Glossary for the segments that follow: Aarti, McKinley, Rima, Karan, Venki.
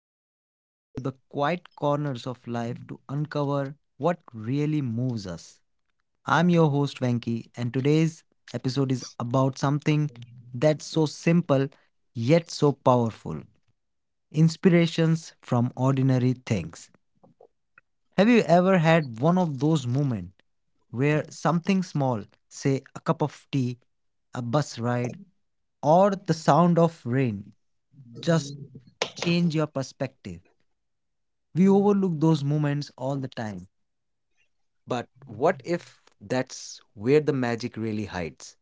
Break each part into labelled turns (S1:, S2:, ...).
S1: where we dig into the quiet corners of life to uncover what really moves us. I'm your host Venki, and today's episode is about something that's so simple yet so powerful, inspirations from ordinary things. Have you ever had one of those moments where something small, say a cup of tea, a bus ride, or the sound of rain, just change your perspective? We overlook those moments all the time. But what if that's where the magic really hides?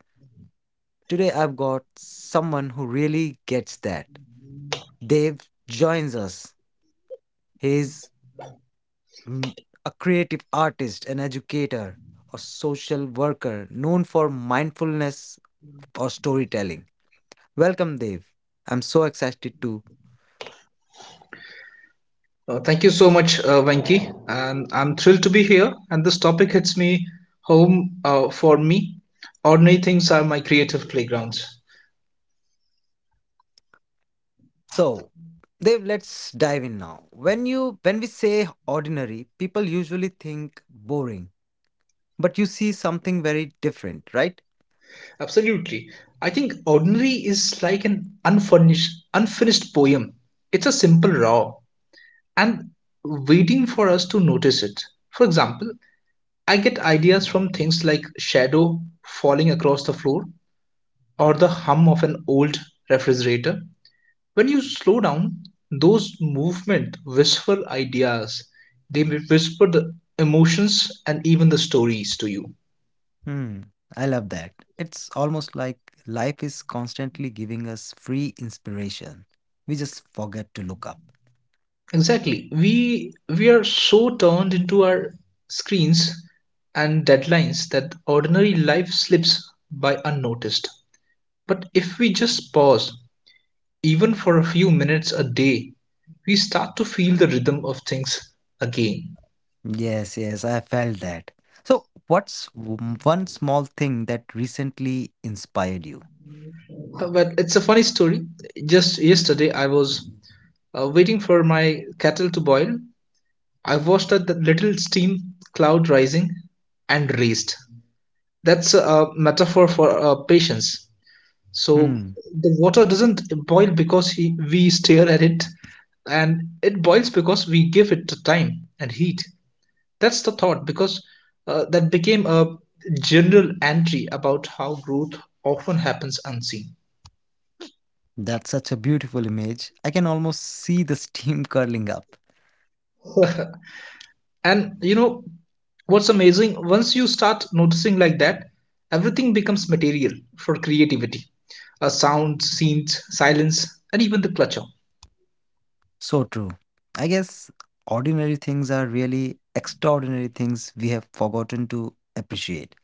S1: Today I've got someone who really gets that. Dave joins us. He's mm, a creative artist, an educator, or social worker known for mindfulness or storytelling. Welcome, Dev. I'm so excited too.
S2: Thank you so much, Venki, and I'm thrilled to be here. And this topic hits me home for me. Ordinary things are my creative playgrounds.
S1: So, Dev, let's dive in now. When we say ordinary, people usually think boring, but you see something very different, right?
S2: Absolutely, I think ordinary is like an unfurnished, unfinished poem. It's a simple raw and waiting for us to notice it. For example, I get ideas from things like shadow falling across the floor, or the hum of an old refrigerator. When you slow down, those movement whisper ideas. They may whisper the emotions and even the stories to you.
S1: Hmm. I love that. It's almost like life is constantly giving us free inspiration. We just forget to look up.
S2: Exactly, we are so turned into our screens and deadlines that ordinary life slips by unnoticed. But if we just pause, even for a few minutes a day, we start to feel the rhythm of things again.
S1: Yes, yes, I felt that. So, what's one small thing that recently inspired you?
S2: Well, it's a funny story. Just yesterday I was waiting for my kettle to boil. I watched the little steam cloud rising and raised. That's a metaphor for patience. So,
S1: Hmm,
S2: the water doesn't boil because we stare at it, and it boils because we give it time and heat. That's the thought, because that became a general entry about how growth often happens unseen.
S1: that's such a beautiful image. I can almost see the steam curling up.
S2: And you know what's amazing? Once you start noticing like that, everything becomes material for creativity: a sound, scenes, silence, and even the clutter.
S1: So true. I guess ordinary things are really extraordinary things we have forgotten to appreciate.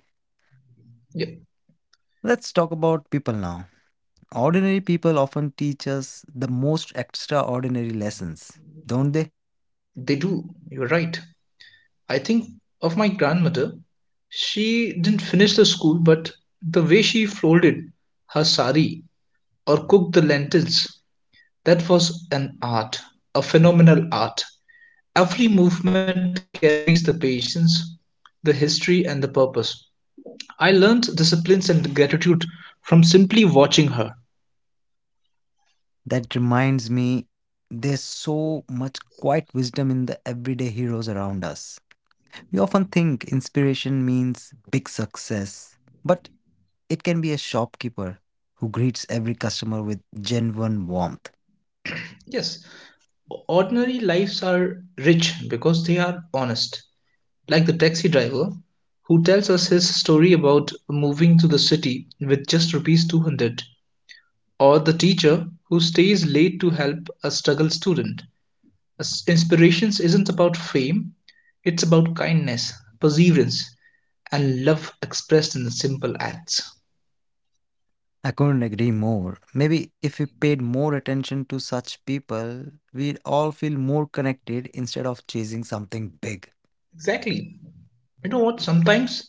S2: Yeah,
S1: Let's talk about people now. Ordinary people often teach us the most extraordinary lessons, don't they?
S2: they do. You're right. I think of my grandmother. She didn't finish the school, but the way she folded her sari or cooked the lentils, that was an art, a phenomenal art. Every movement carries the patience, the history, and the purpose. I learned disciplines and gratitude from simply watching her.
S1: That reminds me, there's so much quiet wisdom in the everyday heroes around us. We often think inspiration means big success, but it can be a shopkeeper who greets every customer with genuine warmth.
S2: Yes, ordinary lives are rich because they are honest. Like the taxi driver who tells us his story about moving to the city with just rupees 200, or the teacher who stays late to help a struggle student. Inspirations isn't about fame. It's about kindness, perseverance, and love expressed in simple acts.
S1: I couldn't agree more. Maybe if we paid more attention to such people, we'd all feel more connected instead of chasing something big.
S2: Exactly. You know what? Sometimes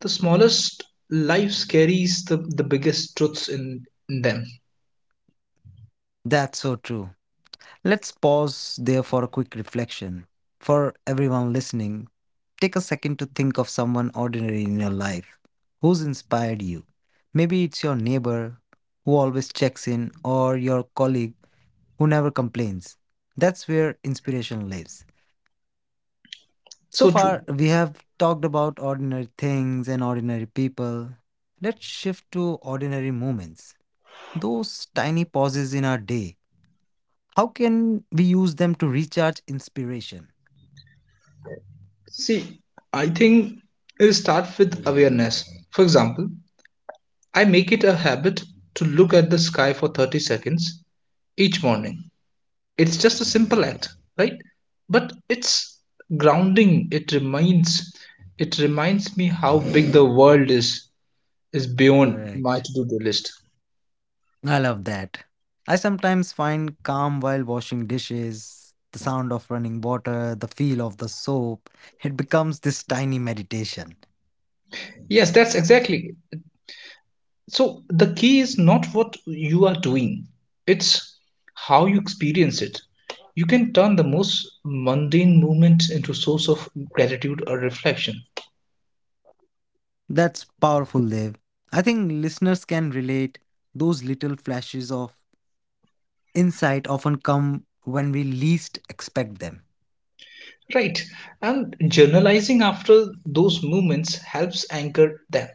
S2: the smallest lives carries the biggest truths in them.
S1: That's so true. Let's pause there for a quick reflection. For everyone listening, take a second to think of someone ordinary in your life who's inspired you. Maybe it's your neighbor who always checks in or your colleague who never complains. That's where inspiration lives.
S2: So
S1: So
S2: true.
S1: far, we have talked about ordinary things and ordinary people. Let's shift to ordinary moments, those tiny pauses in our day. How can we use them to recharge inspiration?
S2: See, I think it starts with awareness. For example, I make it a habit to look at the sky for 30 seconds each morning. It's just a simple act, right? But it's grounding. It reminds me how big the world is beyond my
S1: Correct.
S2: to-do list.
S1: I love that. I sometimes find calm while washing dishes, the sound of running water, the feel of the soap. It becomes this tiny meditation.
S2: Yes, that's exactly. So the key is not what you are doing, it's how you experience it. You can turn the most mundane moments into a source of gratitude or reflection.
S1: That's powerful, Dev. I think listeners can relate. Those little flashes of insight often come when we least expect them.
S2: Right. And journalizing after those moments helps anchor them.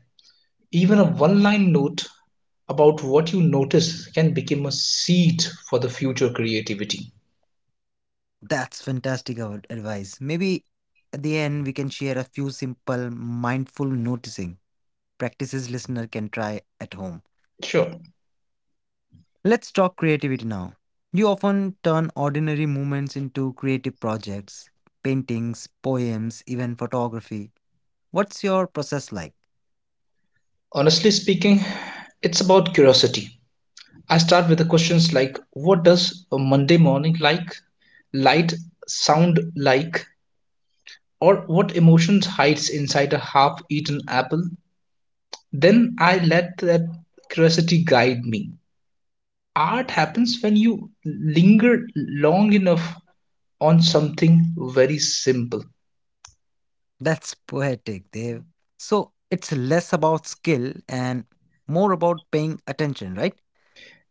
S2: Even a one line note about what you notice can become a seed for the future creativity.
S1: That's fantastic advice. Maybe at the end, we can share a few simple mindful noticing practices listener can try at home.
S2: Sure.
S1: Let's talk creativity now. You often turn ordinary moments into creative projects, paintings, poems, even photography. What's your process like?
S2: Honestly speaking, it's about curiosity. I start with the questions like what does a Monday morning like, light sound like, or what emotions hides inside a half-eaten apple? Then I let that curiosity guide me. Art happens when you linger long enough on something very simple.
S1: That's poetic, Dev. So it's less about skill and more about paying attention, right?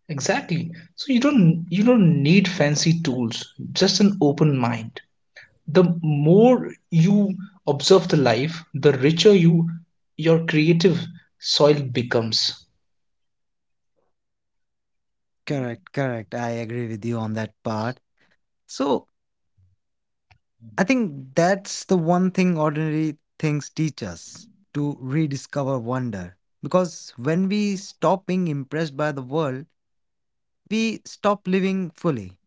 S2: Exactly. So you don't need fancy tools, just an open mind. The more you observe the life, the richer your creative soil becomes.
S1: Correct, correct. I agree with you on that part. So I think that's the one thing ordinary things teach us, to rediscover wonder. Because when we stop being impressed by the world, we stop living fully.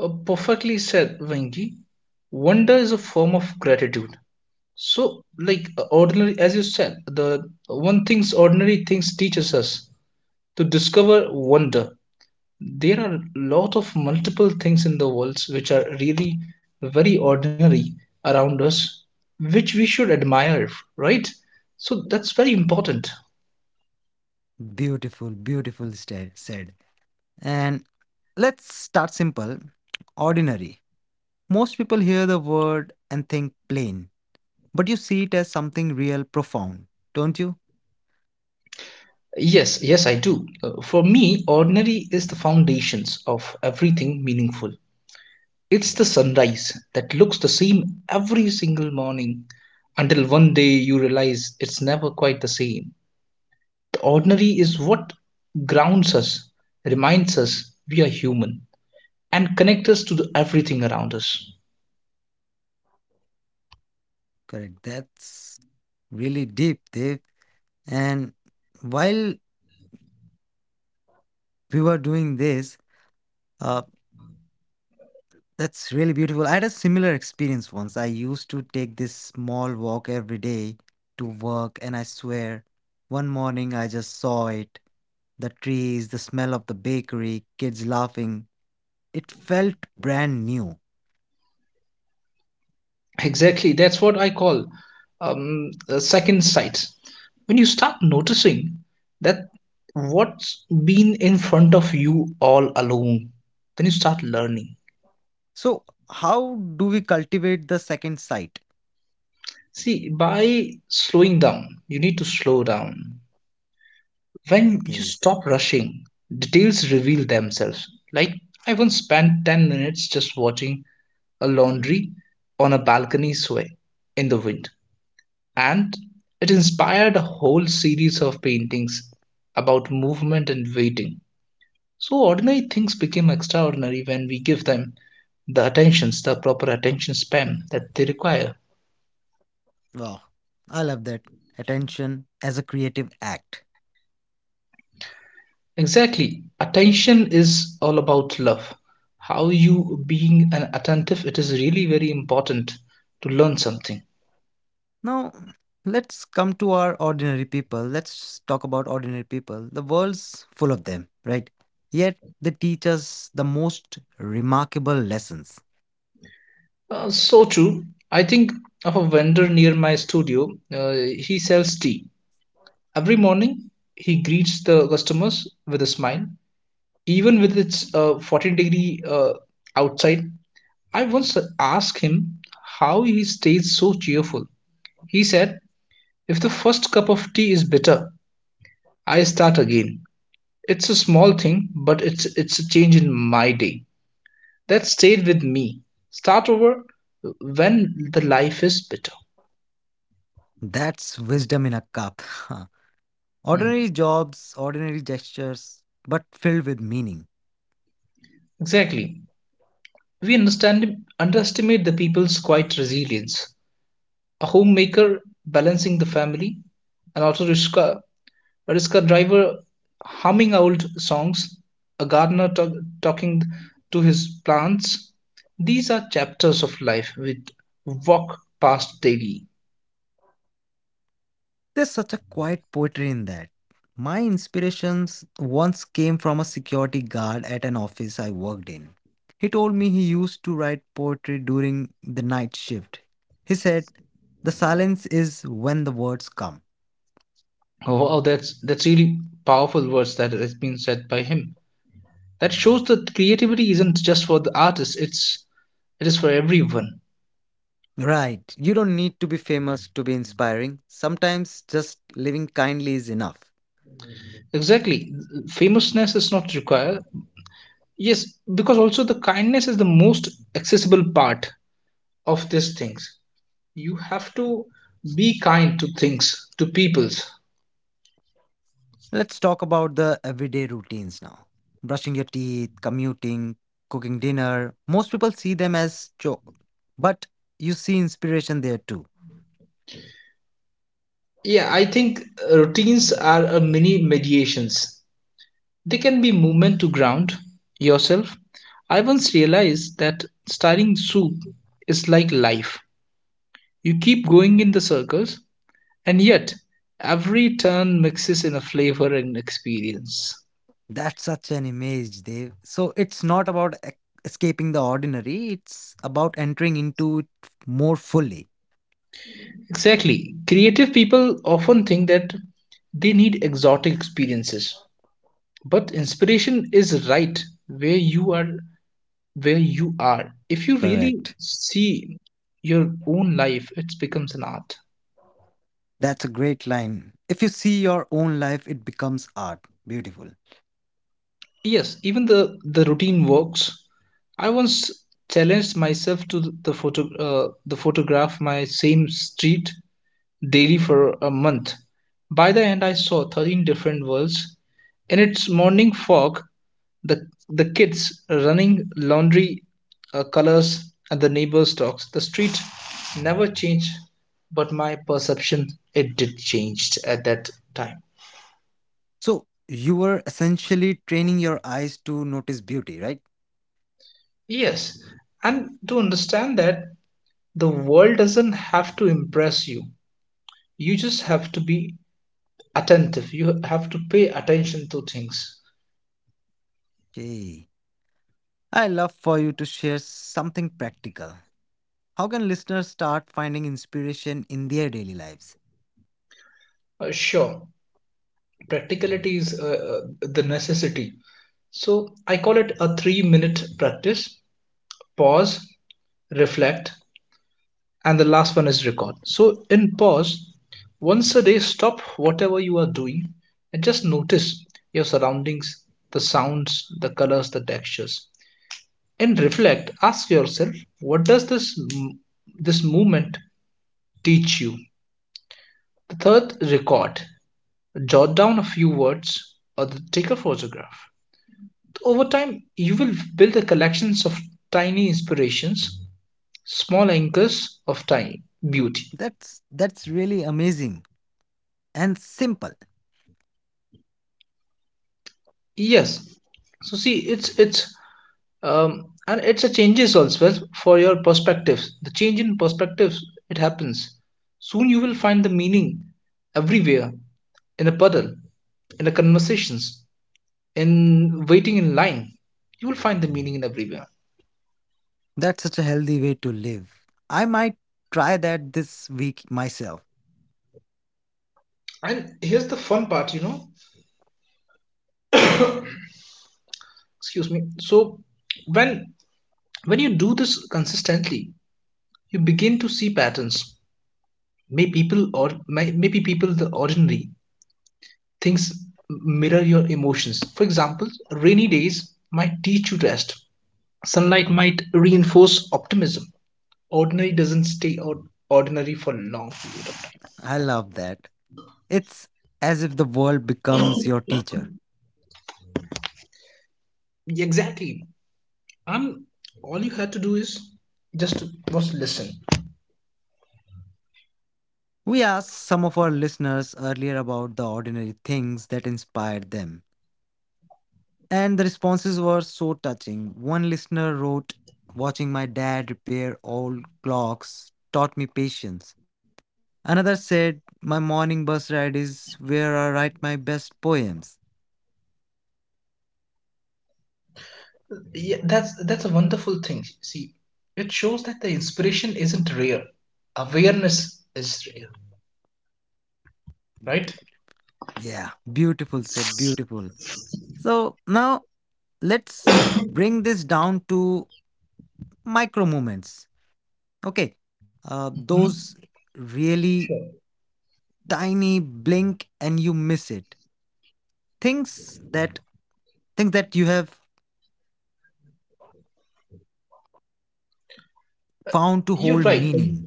S2: Perfectly said, Venki. Wonder is a form of gratitude. So, like ordinary, as you said, the one things ordinary things teaches us to discover wonder. There are a lot of multiple things in the world which are really very ordinary around us, which we should admire, right? So that's very important.
S1: Beautiful, beautiful said. And let's start simple, ordinary. Most people hear the word and think plain, but you see it as something real, profound, don't you?
S2: Yes, yes, I do. For me, ordinary is the foundations of everything meaningful. It's the sunrise that looks the same every single morning until one day you realize it's never quite the same. The ordinary is what grounds us, reminds us we are human, and connects us to the everything around us.
S1: Correct. That's really deep, Dave. And while we were doing this, uh, that's really beautiful. I had a similar experience once. I used to take this small walk every day to work, and I swear, one morning I just saw it. The trees, the smell of the bakery, kids laughing. It felt brand new.
S2: Exactly. That's what I call a second sight. When you start noticing that what's been in front of you all along, then you start learning.
S1: So, how do we cultivate the second sight?
S2: See, by slowing down, you need to slow down. When you
S1: Okay,
S2: stop rushing, details reveal themselves. Like, I once spent 10 minutes just watching a laundry on a balcony sway in the wind. And it inspired a whole series of paintings about movement and waiting. So, ordinary things become extraordinary when we give them the attentions, the proper attention span that they require.
S1: wow. I love that. Attention as a creative act.
S2: Exactly. Attention is all about love. How you being an attentive, it is really very important to learn something.
S1: Now, let's come to our ordinary people. Let's talk about ordinary people. The world's full of them, right? Yet they teach us the most remarkable lessons.
S2: So true. I think of a vendor near my studio. He sells tea. Every morning, he greets the customers with a smile, even with its 14 degree outside. I once asked him how he stays so cheerful. He said, "If the first cup of tea is bitter, I start again. It's a small thing, but it's a change in my day that stayed with me. Start over when the life is bitter."
S1: That's wisdom in a cup. Ordinary
S2: Mhm.
S1: jobs, ordinary gestures, but filled with meaning.
S2: Exactly. We understand underestimate the people's quiet resilience. A homemaker balancing the family, and also Rishka, a Rishka driver humming old songs, a gardener talking to his plants. These are chapters of life which walk past daily.
S1: There's such a quiet poetry in that. My inspirations once came from a security guard at an office I worked in. He told me he used to write poetry during the night shift. He said, "The silence is when the words come."
S2: Oh, wow, that's really powerful words that has been said by him. That shows that creativity isn't just for the artist; it is for everyone.
S1: Right, you don't need to be famous to be inspiring. Sometimes just living kindly is enough.
S2: Exactly, famousness is not required. Yes, because also the kindness is the most accessible part of these things. You have to be kind to things, to peoples.
S1: Let's talk about the everyday routines now. Brushing your teeth, commuting, cooking dinner. Most people see them as chore, but you see inspiration there too.
S2: Yeah, I think routines are a mini mediations. They can be movement to ground yourself. I once realized that stirring soup is like life. You keep going in the circles, and yet every turn mixes in a flavor and experience.
S1: That's such an image, Dave. So it's not about escaping the ordinary, it's about entering into it more fully.
S2: Exactly. Creative people often think that they need exotic experiences, but inspiration is right where you are where you are. If you really
S1: Correct.
S2: see your own life, it becomes an art.
S1: That's a great line. If you see your own life, it becomes art. Beautiful.
S2: Yes, even the routine works. I once challenged myself to the photograph my same street daily for a month. By the end, I saw 13 different worlds. In its morning fog, the kids running laundry colors at the neighbor's dogs. The street never changed, but my perception it did changed at that time.
S1: So you were essentially training your eyes to notice beauty, right?
S2: Yes, and to understand that the world doesn't have to impress you. You just have to be attentive. You have to pay attention to things.
S1: Okay. I love for you to share something practical. How can listeners start finding inspiration in their daily lives?
S2: Sure. Practicality is the necessity. So I call it a 3-minute practice: pause, reflect, and the last one is record. So in pause, once a day, stop whatever you are doing and just notice your surroundings, the sounds, the colors, the textures. In reflect, ask yourself, what does this movement teach you? The third, record. Jot down a few words or take a photograph. Over time, you will build a collections of tiny inspirations, small anchors of tiny beauty.
S1: That's really amazing and simple.
S2: Yes, so see, it's and it's a changes also well for your perspectives, the change in perspectives, it happens. Soon you will find the meaning everywhere, in a puddle, in the conversations, in waiting in line, you will find the meaning in everywhere.
S1: That's such a healthy way to live. I might try that this week myself.
S2: And here's the fun part. Excuse me. So, when you do this consistently, you begin to see patterns. Maybe people, the ordinary things, mirror your emotions. For example, rainy days might teach you rest, sunlight might reinforce optimism. Ordinary doesn't stay or ordinary for long.
S1: I love that. It's as if the world becomes your teacher.
S2: Exactly. um all you had to do is just was listen.
S1: We asked some of our listeners earlier about the ordinary things that inspired them, and the responses were so touching. One listener wrote, "Watching my dad repair old clocks taught me patience." Another said, "My morning bus ride is where I write my best poems."
S2: Yeah, that's a wonderful thing. See, it shows that the inspiration isn't rare. Awareness is rare, right?
S1: Be- Yeah, beautiful said, beautiful. So now let's bring this down to micro movements. Okay,
S2: Mm-hmm.
S1: those
S2: Sure.
S1: really tiny blink and you miss it. Things that things that you have found
S2: You're
S1: to hold
S2: right.
S1: meaning.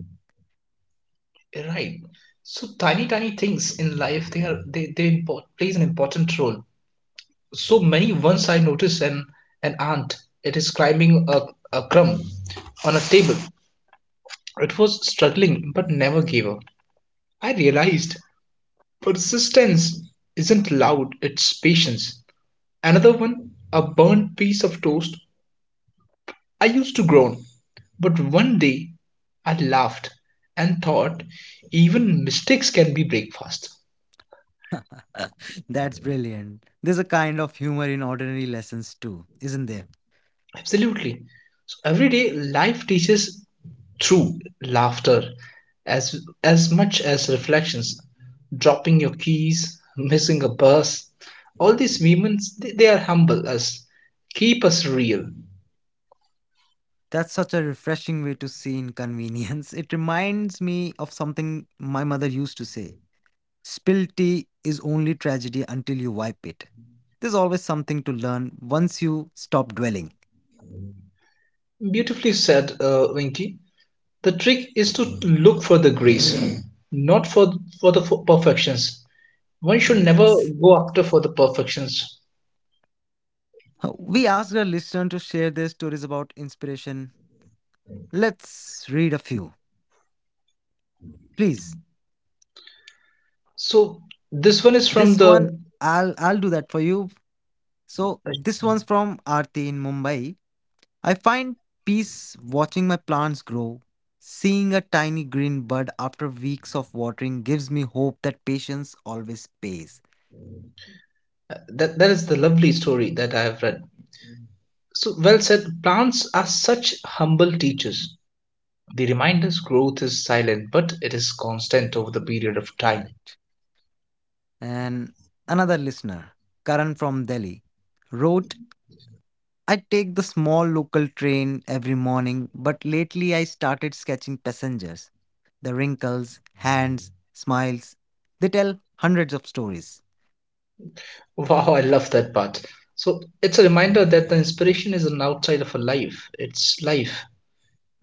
S2: Like, right. So tiny, tiny things in life, they are they import, plays an important role. So many once I noticed an ant. It is climbing a crumb on a table. It was struggling but never gave up. I realized persistence isn't loud, it's patience. Another one, a burnt piece of toast I used to groan, but one day I laughed and thought even mistakes can be breakfast.
S1: That's brilliant. There's a kind of humor in ordinary lessons too, isn't there?
S2: Absolutely. So everyday life teaches through laughter as as much as reflections. Dropping your keys, missing a bus, all these moments they are humble us, keep us real.
S1: That's such a refreshing way to see inconvenience. It reminds me of something my mother used to say. "Spilled tea is only tragedy until you wipe it." There's always something to learn once you stop dwelling.
S2: Beautifully said, Winky. The trick is to look for the grace, not for the perfections. One should never
S1: Yes.
S2: go after for the perfections.
S1: We asked our listener to share their stories about inspiration. Let's read a few. Please.
S2: So this one is from
S1: This
S2: the.
S1: one, I'll do that for you. So this one's from Aarti in Mumbai. "I find peace watching my plants grow. Seeing a tiny green bud after weeks of watering gives me hope that patience always pays."
S2: That is the lovely story that I have read. So, well said. Plants are such humble teachers. They remind us growth is silent but it is constant over the period of time.
S1: Correct. And another listener, Karan from Delhi, wrote, "I take the small local train every morning, but lately I started sketching passengers. The wrinkles, hands, smiles, they tell hundreds of stories."
S2: Wow, I love that part. So it's a reminder that the inspiration is an outside of a life, it's life,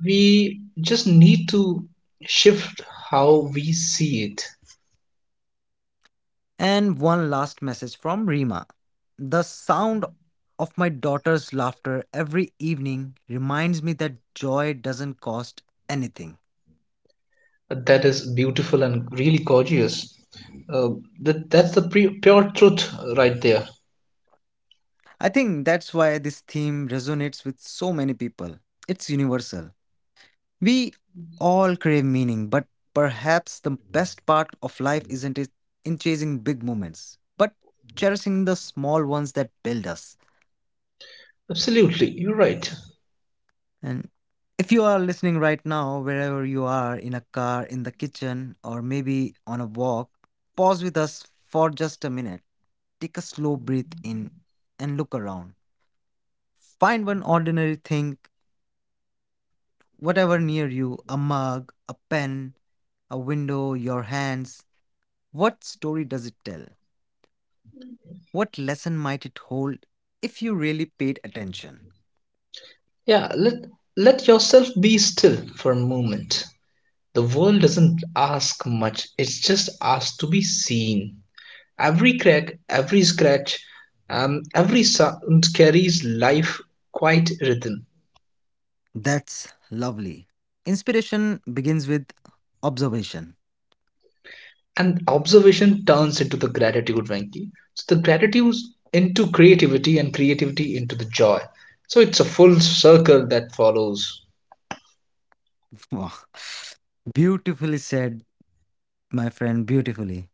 S2: we just need to shift how we see it.
S1: And one last message from Rima. "The sound of my daughter's laughter every evening reminds me that joy doesn't cost anything."
S2: That is beautiful and really gorgeous. Uh, that's the pure truth right there.
S1: I think that's why this theme resonates with so many people. It's universal. We all crave meaning, but perhaps the best part of life isn't it in chasing big moments, but cherishing the small ones that build us.
S2: Absolutely, you're right.
S1: And if you are listening right now, wherever you are, in a car, in the kitchen, or maybe on a walk, pause with us for just a minute. Take a slow breath in and look around. Find one ordinary thing, whatever near you, a mug, a pen, a window, your hands. What story does it tell? What lesson might it hold if you really paid attention?
S2: Yeah, let yourself be still for a moment. The world doesn't ask much. It's just asked to be seen. Every crack, every scratch, every sound carries life quite rhythm.
S1: That's lovely. Inspiration begins with observation.
S2: And observation turns into the gratitude, Venki. So the gratitude into creativity and creativity into the joy. So it's a full circle that follows.
S1: Wow. Beautifully said, my friend, beautifully.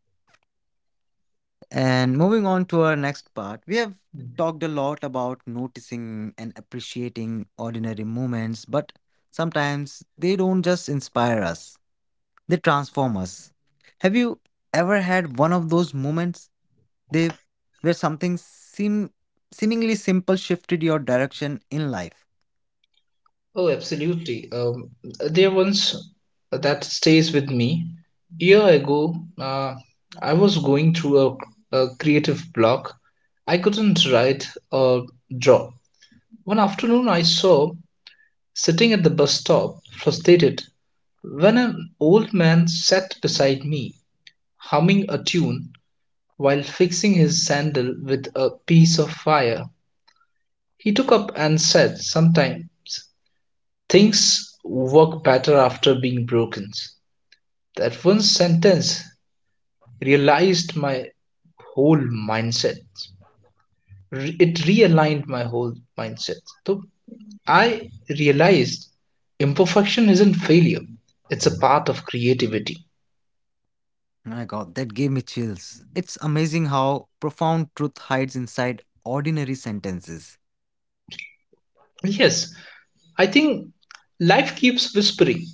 S1: And moving on to our next part, we have talked a lot about noticing and appreciating ordinary moments, but sometimes they don't just inspire us, they transform us. Have you ever had one of those moments They where something seemingly simple shifted your direction in life.
S2: Oh, absolutely. There once that stays with me. Year ago, uh, I was going through a creative block. I couldn't write or draw. One afternoon, I saw sitting at the bus stop, frustrated, when an old man sat beside me humming a tune. While fixing his sandal with a piece of wire, he took up and said sometimes, "Things work better after being broken." That one sentence realized my whole mindset. It realigned my whole mindset. So I realized imperfection isn't failure, it's a part of creativity.
S1: My god, that gave me chills. It's amazing how profound truth hides inside ordinary sentences.
S2: Yes, I think life keeps whispering.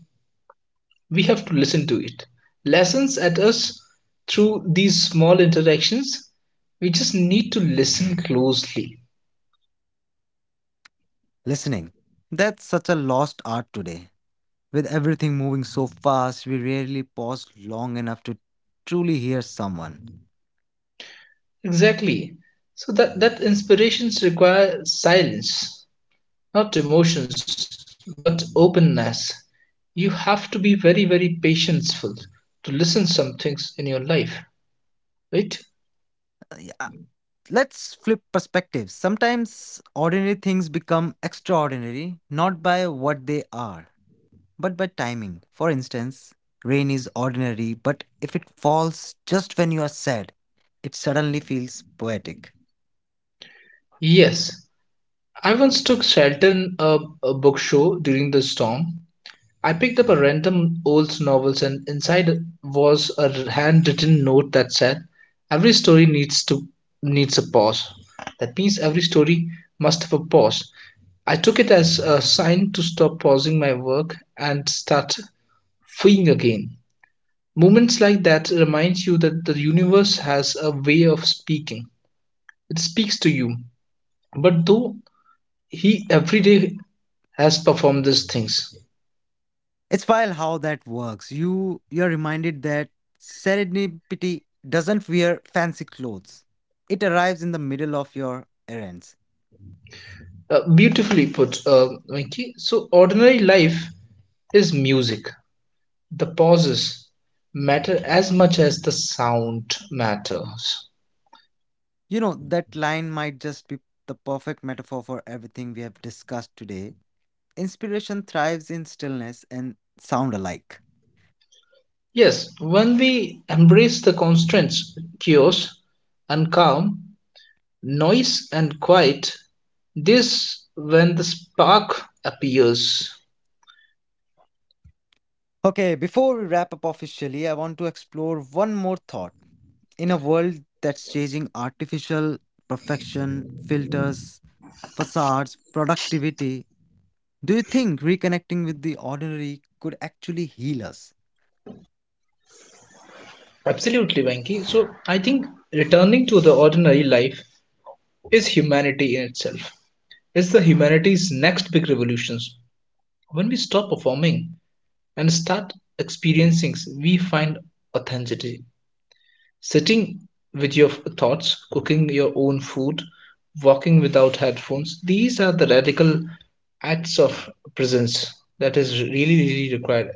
S2: We have to listen to it lessons at us through these small interactions. We just need to listen closely.
S1: Listening. That's such a lost art today. With everything moving so fast, we rarely pause long enough to truly hear someone.
S2: Exactly. So that inspirations require silence, not emotions but openness. You have to be very very patientful to listen some things in your life, right?
S1: Yeah. Let's flip perspectives. Sometimes ordinary things become extraordinary, not by what they are, but by timing. For instance, rain is ordinary, but if it falls just when you are sad, it suddenly feels poetic.
S2: Yes, I once took shelter in a book show during the storm. I picked up a random old novels and inside was a handwritten note that said, "Every story needs a pause." That means every story must have a pause. I took it as a sign to stop pausing my work and start freeing again. Moments like that reminds you that the universe has a way of speaking. It speaks to you. But though he every day has performed these things,
S1: It's wild how that works. You're reminded that serendipity doesn't wear fancy clothes. It arrives in the middle of your errands.
S2: Beautifully put, Venky. So, ordinary life is music. The pauses matter as much as the sound matters.
S1: You know, that line might just be the perfect metaphor for everything we have discussed today. Inspiration thrives in stillness and sound alike.
S2: Yes, when we embrace the constraints, chaos and calm, noise and quiet, this when the spark appears.
S1: Okay, before we wrap up officially, I want to explore one more thought. In a world that's chasing artificial perfection, filters, facades, productivity, do you think reconnecting with the ordinary could actually heal us?
S2: Absolutely, Venky. So, I think returning to the ordinary life is humanity in itself. It's the humanity's next big revolutions. When we stop performing and start experiencing, we find authenticity. Sitting with your thoughts, cooking your own food, walking without headphones, these are the radical acts of presence that is really, really required.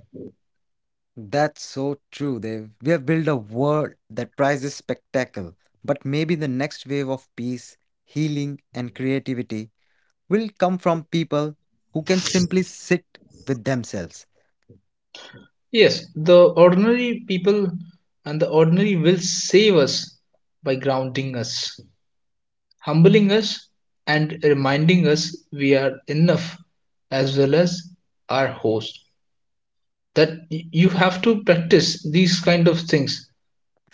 S1: That's so true, Dev. We have built a world that prizes spectacle, but maybe the next wave of peace, healing, and creativity will come from people who can simply sit with themselves.
S2: Yes, the ordinary people and the ordinary will save us by grounding us, humbling us, and reminding us we are enough as well as our host. That you have to practice these kind of things.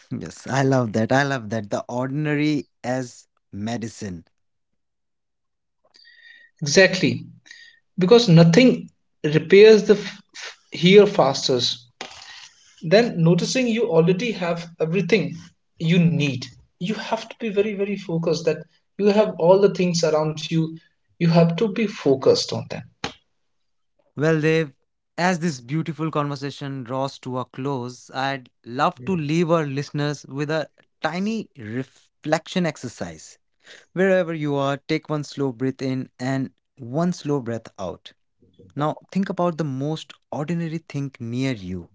S1: Yes, I love that. I love that. The ordinary as medicine.
S2: Exactly, because nothing repairs the here fastest than noticing you already have everything you need. You have to be very very focused that you have all the things around you, you have to be focused on them.
S1: Well, Dave, as this beautiful conversation draws to a close, I'd love to leave our listeners with a tiny reflection exercise. Wherever you are, take one slow breath in and one slow breath out. Now, think about the most ordinary thing near you.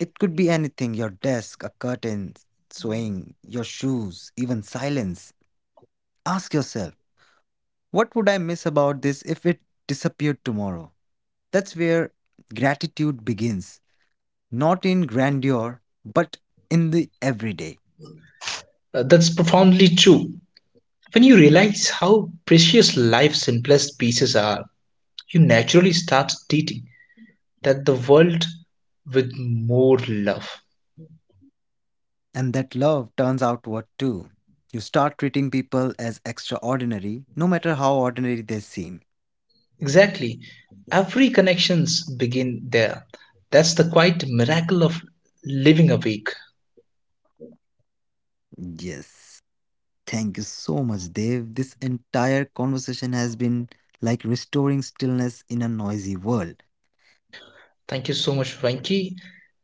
S1: It could be anything, your desk, a curtain swaying, your shoes, even silence. Ask yourself, what would I miss about this if it disappeared tomorrow? That's where gratitude begins, not in grandeur, but in the everyday.
S2: That's profoundly true. When you realize how precious life's simplest pieces are, you naturally start treating that the world with more love.
S1: And that love turns outward too. You start treating people as extraordinary, no matter how ordinary they seem.
S2: Exactly. Every connections begin there. That's the quite miracle of living a week.
S1: Yes. Thank you so much, Dave. This entire conversation has been like restoring stillness in a noisy world.
S2: Thank you so much, Venki.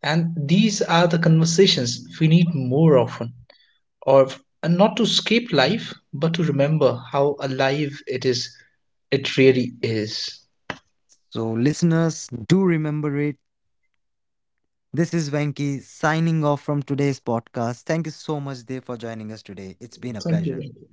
S2: And these are the conversations we need more often. Or and not to escape life, but to remember how alive it is, it really is.
S1: So, listeners, do remember it. This is Venki signing off from today's podcast. Thank you so much, Dev, for joining us today. It's been a
S2: Thank you,
S1: pleasure.
S2: Venki.